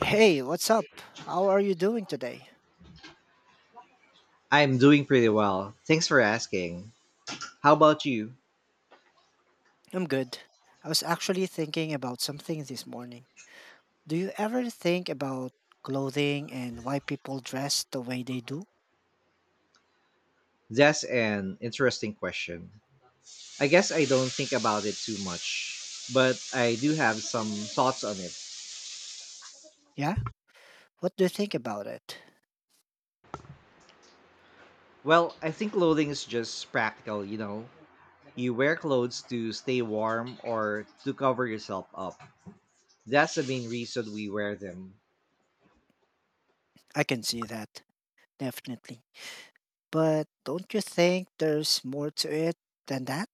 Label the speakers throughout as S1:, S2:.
S1: Hey, what's up? How are you doing today?
S2: I'm doing pretty well. Thanks for asking. How about you?
S1: I'm good. I was actually thinking about something this morning. Do you ever think about clothing and why people dress the way they do?
S2: That's an interesting question. I guess I don't think about it too much, but I do have some thoughts on it.
S1: Yeah? What do you think about it?
S2: Well, I think clothing is just practical, you know. You wear clothes to stay warm or to cover yourself up. That's the main reason we wear them.
S1: I can see that, definitely. But don't you think there's more to it than that?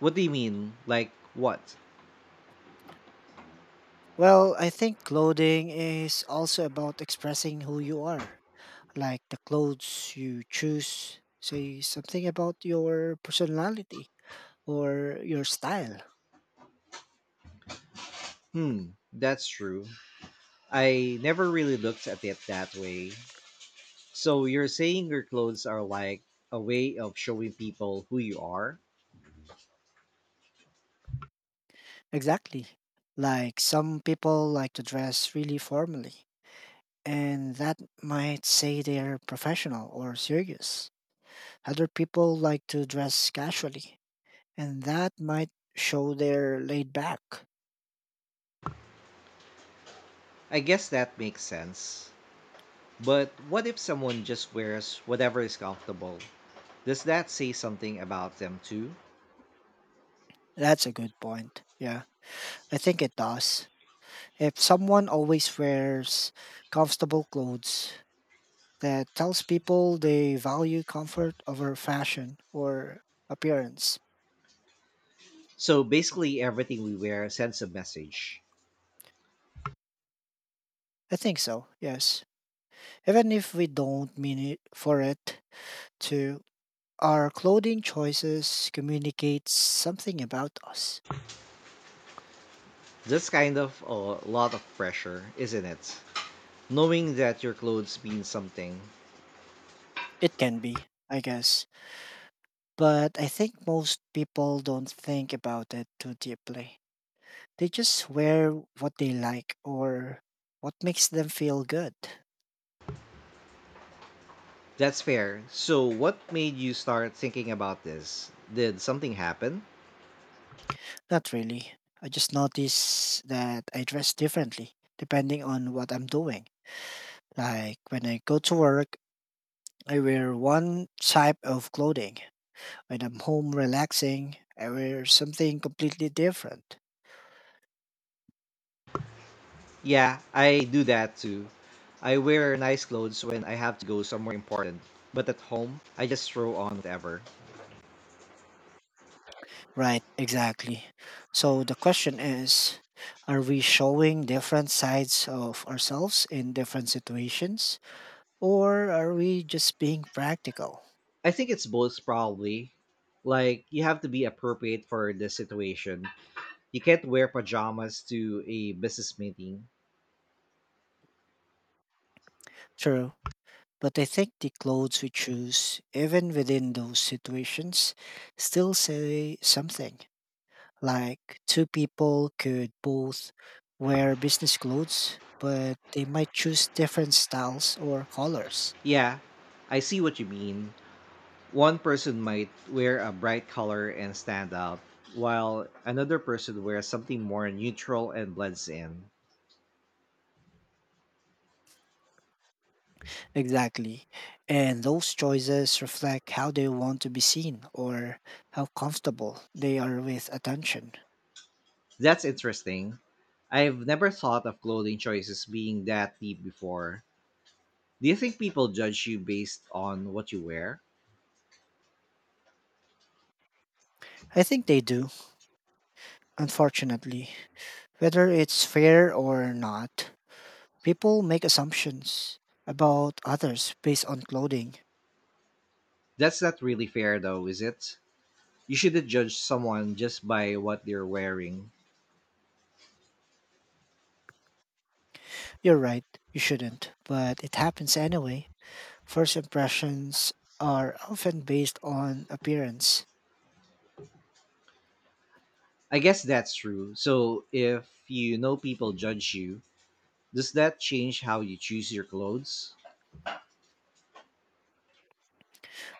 S2: What do you mean? Like what?
S1: Well, I think clothing is also about expressing who you are. Like the clothes you choose say something about your personality or your style.
S2: Hmm, that's true. I never really looked at it that way. So you're saying your clothes are like a way of showing people who you are?
S1: Exactly. Like some people like to dress really formally, and that might say they're professional or serious. Other people like to dress casually, and that might show they're laid back.
S2: I guess that makes sense. But what if someone just wears whatever is comfortable? Does that say something about them too?
S1: That's a good point. Yeah, I think it does. If someone always wears comfortable clothes, that tells people they value comfort over fashion or appearance.
S2: So basically, everything we wear sends a message.
S1: I think so, yes. Even if we don't mean it for it to, our clothing choices communicates something about us.
S2: That's kind of a lot of pressure, isn't it? Knowing that your clothes mean something.
S1: It can be, I guess, but I think most people don't think about it too deeply. They just wear what they like or what makes them feel good.
S2: That's fair. So, what made you start thinking about this? Did something happen?
S1: Not really. I just notice that I dress differently depending on what I'm doing. Like when I go to work, I wear one type of clothing. When I'm home relaxing, I wear something completely different.
S2: Yeah, I do that too. I wear nice clothes when I have to go somewhere important, but at home, I just throw on whatever.
S1: Right, exactly. So the question is, are we showing different sides of ourselves in different situations, or are we just being practical?
S2: I think it's both, probably. Like, you have to be appropriate for the situation. You can't wear pajamas to a business meeting.
S1: True. But I think the clothes we choose, even within those situations, still say something. Like two people could both wear business clothes, but they might choose different styles or colors.
S2: Yeah, I see what you mean. One person might wear a bright color and stand out, while another person wears something more neutral and blends in.
S1: Exactly. And those choices reflect how they want to be seen or how comfortable they are with attention.
S2: That's interesting. I've never thought of clothing choices being that deep before. Do you think people judge you based on what you wear?
S1: I think they do, unfortunately. Whether it's fair or not, people make assumptions about others based on clothing.
S2: That's not really fair, though, is it? You shouldn't judge someone just by what they're wearing.
S1: You're right, you shouldn't, but it happens anyway. First impressions are often based on appearance.
S2: I guess that's true. So, if you know people judge you, does that change how you choose your clothes?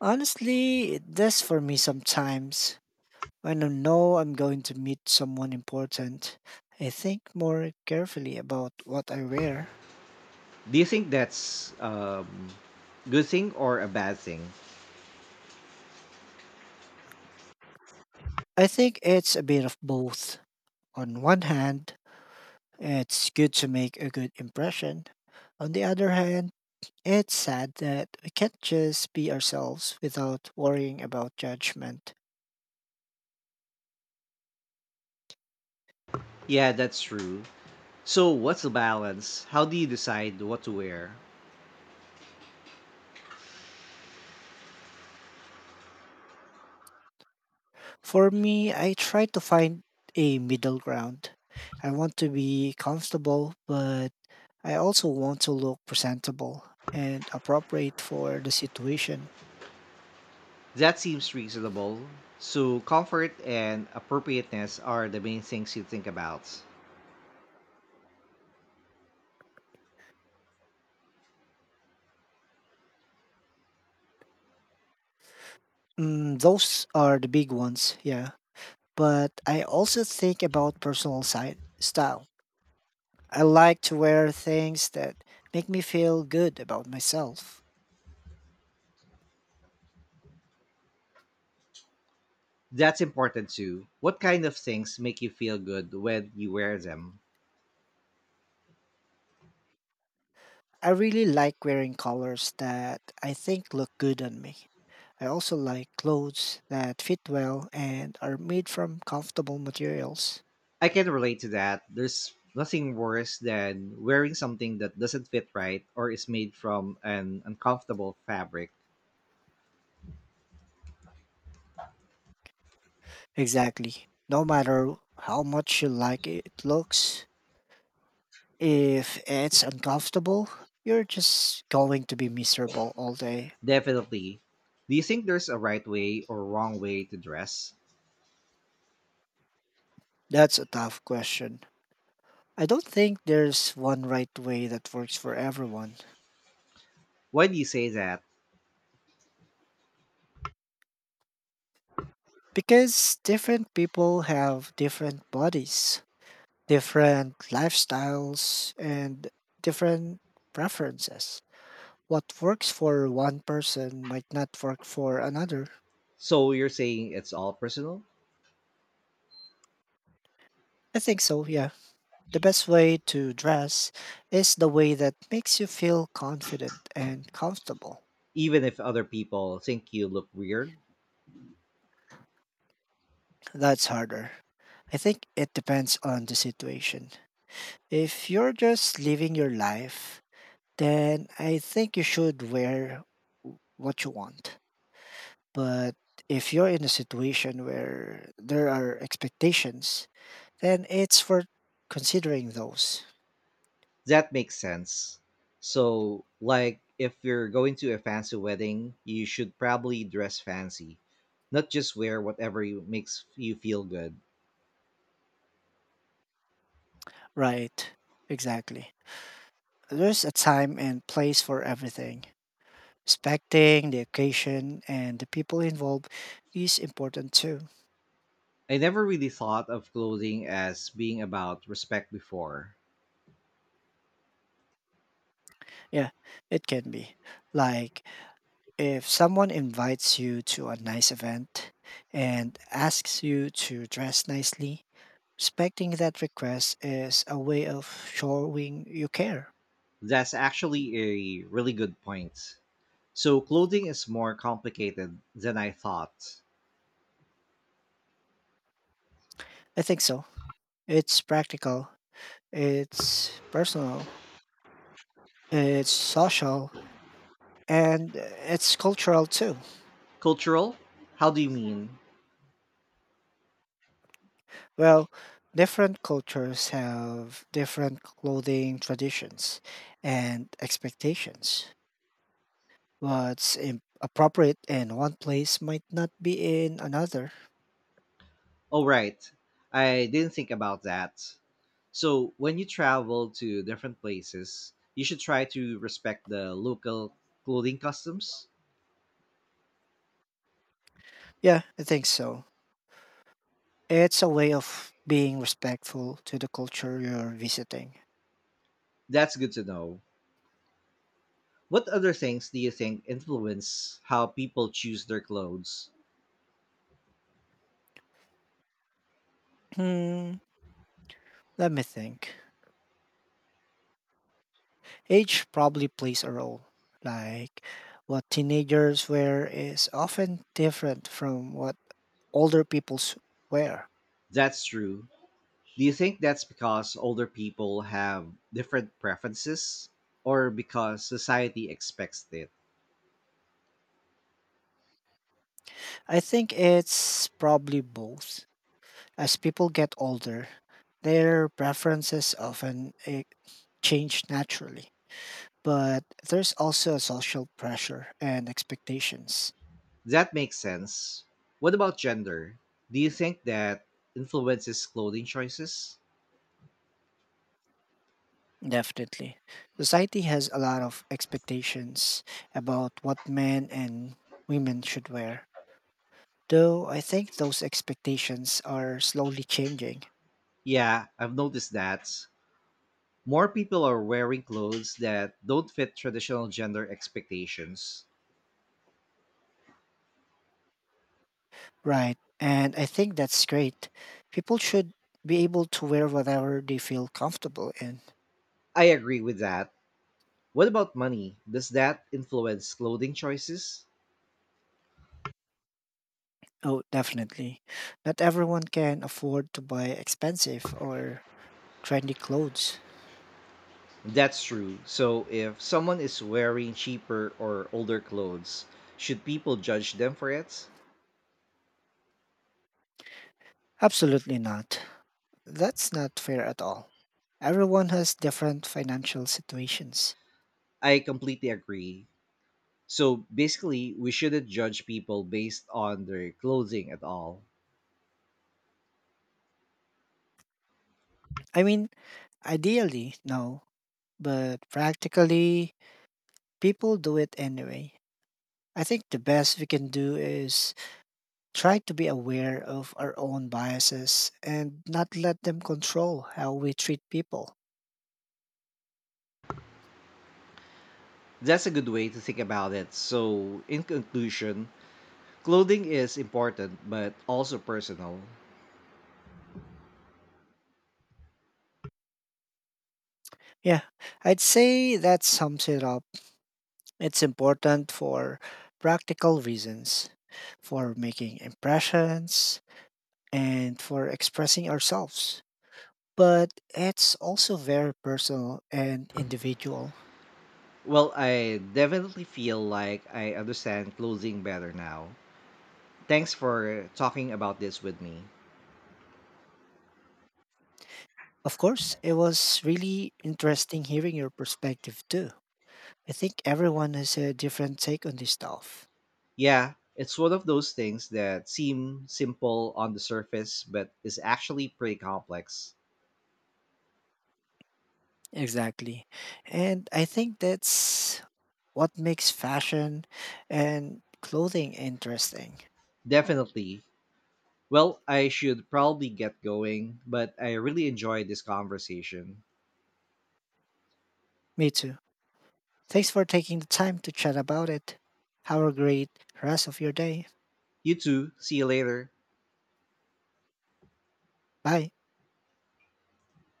S1: Honestly, it does for me sometimes. When I know I'm going to meet someone important, I think more carefully about what I wear.
S2: Do you think that's good thing or a bad thing?
S1: I think it's a bit of both. On one hand, it's good to make a good impression. On the other hand, it's sad that we can't just be ourselves without worrying about judgment.
S2: Yeah, that's true. So, what's the balance? How do you decide what to wear?
S1: For me, I try to find a middle ground. I want to be comfortable, but I also want to look presentable and appropriate for the situation.
S2: That seems reasonable. So, comfort and appropriateness are the main things you think about.
S1: Mm, those are the big ones, yeah. But I also think about personal side style. I like to wear things that make me feel good about myself.
S2: That's important too. What kind of things make you feel good when you wear them?
S1: I really like wearing colors that I think look good on me. I also like clothes that fit well and are made from comfortable materials.
S2: I can relate to that. There's nothing worse than wearing something that doesn't fit right or is made from an uncomfortable fabric.
S1: Exactly. No matter how much you like it looks, if it's uncomfortable, you're just going to be miserable all day.
S2: Definitely. Do you think there's a right way or wrong way to dress?
S1: That's a tough question. I don't think there's one right way that works for everyone
S2: Why do you say that?
S1: because different people have different bodies, different lifestyles, and different preferences. What works for one person might not work for another.
S2: So, you're saying it's all personal?
S1: I think so, yeah. The best way to dress is the way that makes you feel confident and comfortable.
S2: Even if other people think you look weird?
S1: That's harder. I think it depends on the situation. If you're just living your life, then I think you should wear what you want. But if you're in a situation where there are expectations, then it's for considering those.
S2: That makes sense. So, like, if you're going to a fancy wedding, you should probably dress fancy, not just wear whatever you, makes you feel good.
S1: Right. Exactly. There's a time and place for everything. Respecting the occasion and the people involved is important too.
S2: I never really thought of clothing as being about respect before.
S1: Yeah, it can be. Like if someone invites you to a nice event and asks you to dress nicely, respecting that request is a way of showing you care.
S2: That's actually a really good point. So, clothing is more complicated than I thought.
S1: I think so. It's practical, it's personal, it's social, and it's cultural too.
S2: Cultural? How do you mean?
S1: Well, different cultures have different clothing traditions and expectations. What's appropriate in one place might not be in another.
S2: Oh, right. I didn't think about that. So, when you travel to different places, you should try to respect the local clothing customs.
S1: Yeah, I think so. It's a way of being respectful to the culture you're visiting.
S2: That's good to know. What other things do you think influence how people choose their clothes?
S1: Hmm, let me think. Age probably plays a role. Like what teenagers wear is often different from what older people's wear.
S2: That's true. Do you think that's because older people have different preferences or because society expects it?
S1: I think it's probably both. As people get older, their preferences often change naturally. But there's also a social pressure and expectations.
S2: That makes sense. What about gender? Do you think that influences clothing choices?
S1: Definitely. Society has a lot of expectations about what men and women should wear, though I think those expectations are slowly changing.
S2: Yeah, I've noticed that. More people are wearing clothes that don't fit traditional gender expectations.
S1: Right. And I think that's great. People should be able to wear whatever they feel comfortable in.
S2: I agree with that. What about money? Does that influence clothing choices?
S1: Oh, definitely. Not everyone can afford to buy expensive or trendy clothes.
S2: That's true. So, if someone is wearing cheaper or older clothes, should people judge them for it?
S1: Absolutely not. That's not fair at all. Everyone has different financial situations.
S2: I completely agree. So basically, we shouldn't judge people based on their clothing at all.
S1: I mean, ideally, no, but practically, people do it anyway. I think the best we can do is try to be aware of our own biases and not let them control how we treat people.
S2: That's a good way to think about it. So, in conclusion, clothing is important but also personal.
S1: Yeah, I'd say that sums it up. It's important for practical reasons, for making impressions, and for expressing ourselves. But it's also very personal and individual.
S2: Well, I definitely feel like I understand clothing better now. Thanks for talking about this with me.
S1: Of course, it was really interesting hearing your perspective too. I think everyone has a different take on this stuff.
S2: Yeah, it's one of those things that seem simple on the surface but is actually pretty complex.
S1: Exactly. And I think that's what makes fashion and clothing interesting.
S2: Definitely. Well, I should probably get going, but I really enjoyed this conversation.
S1: Me too. Thanks for taking the time to chat about it. Have a great rest of your day.
S2: You too. See you later.
S1: Bye.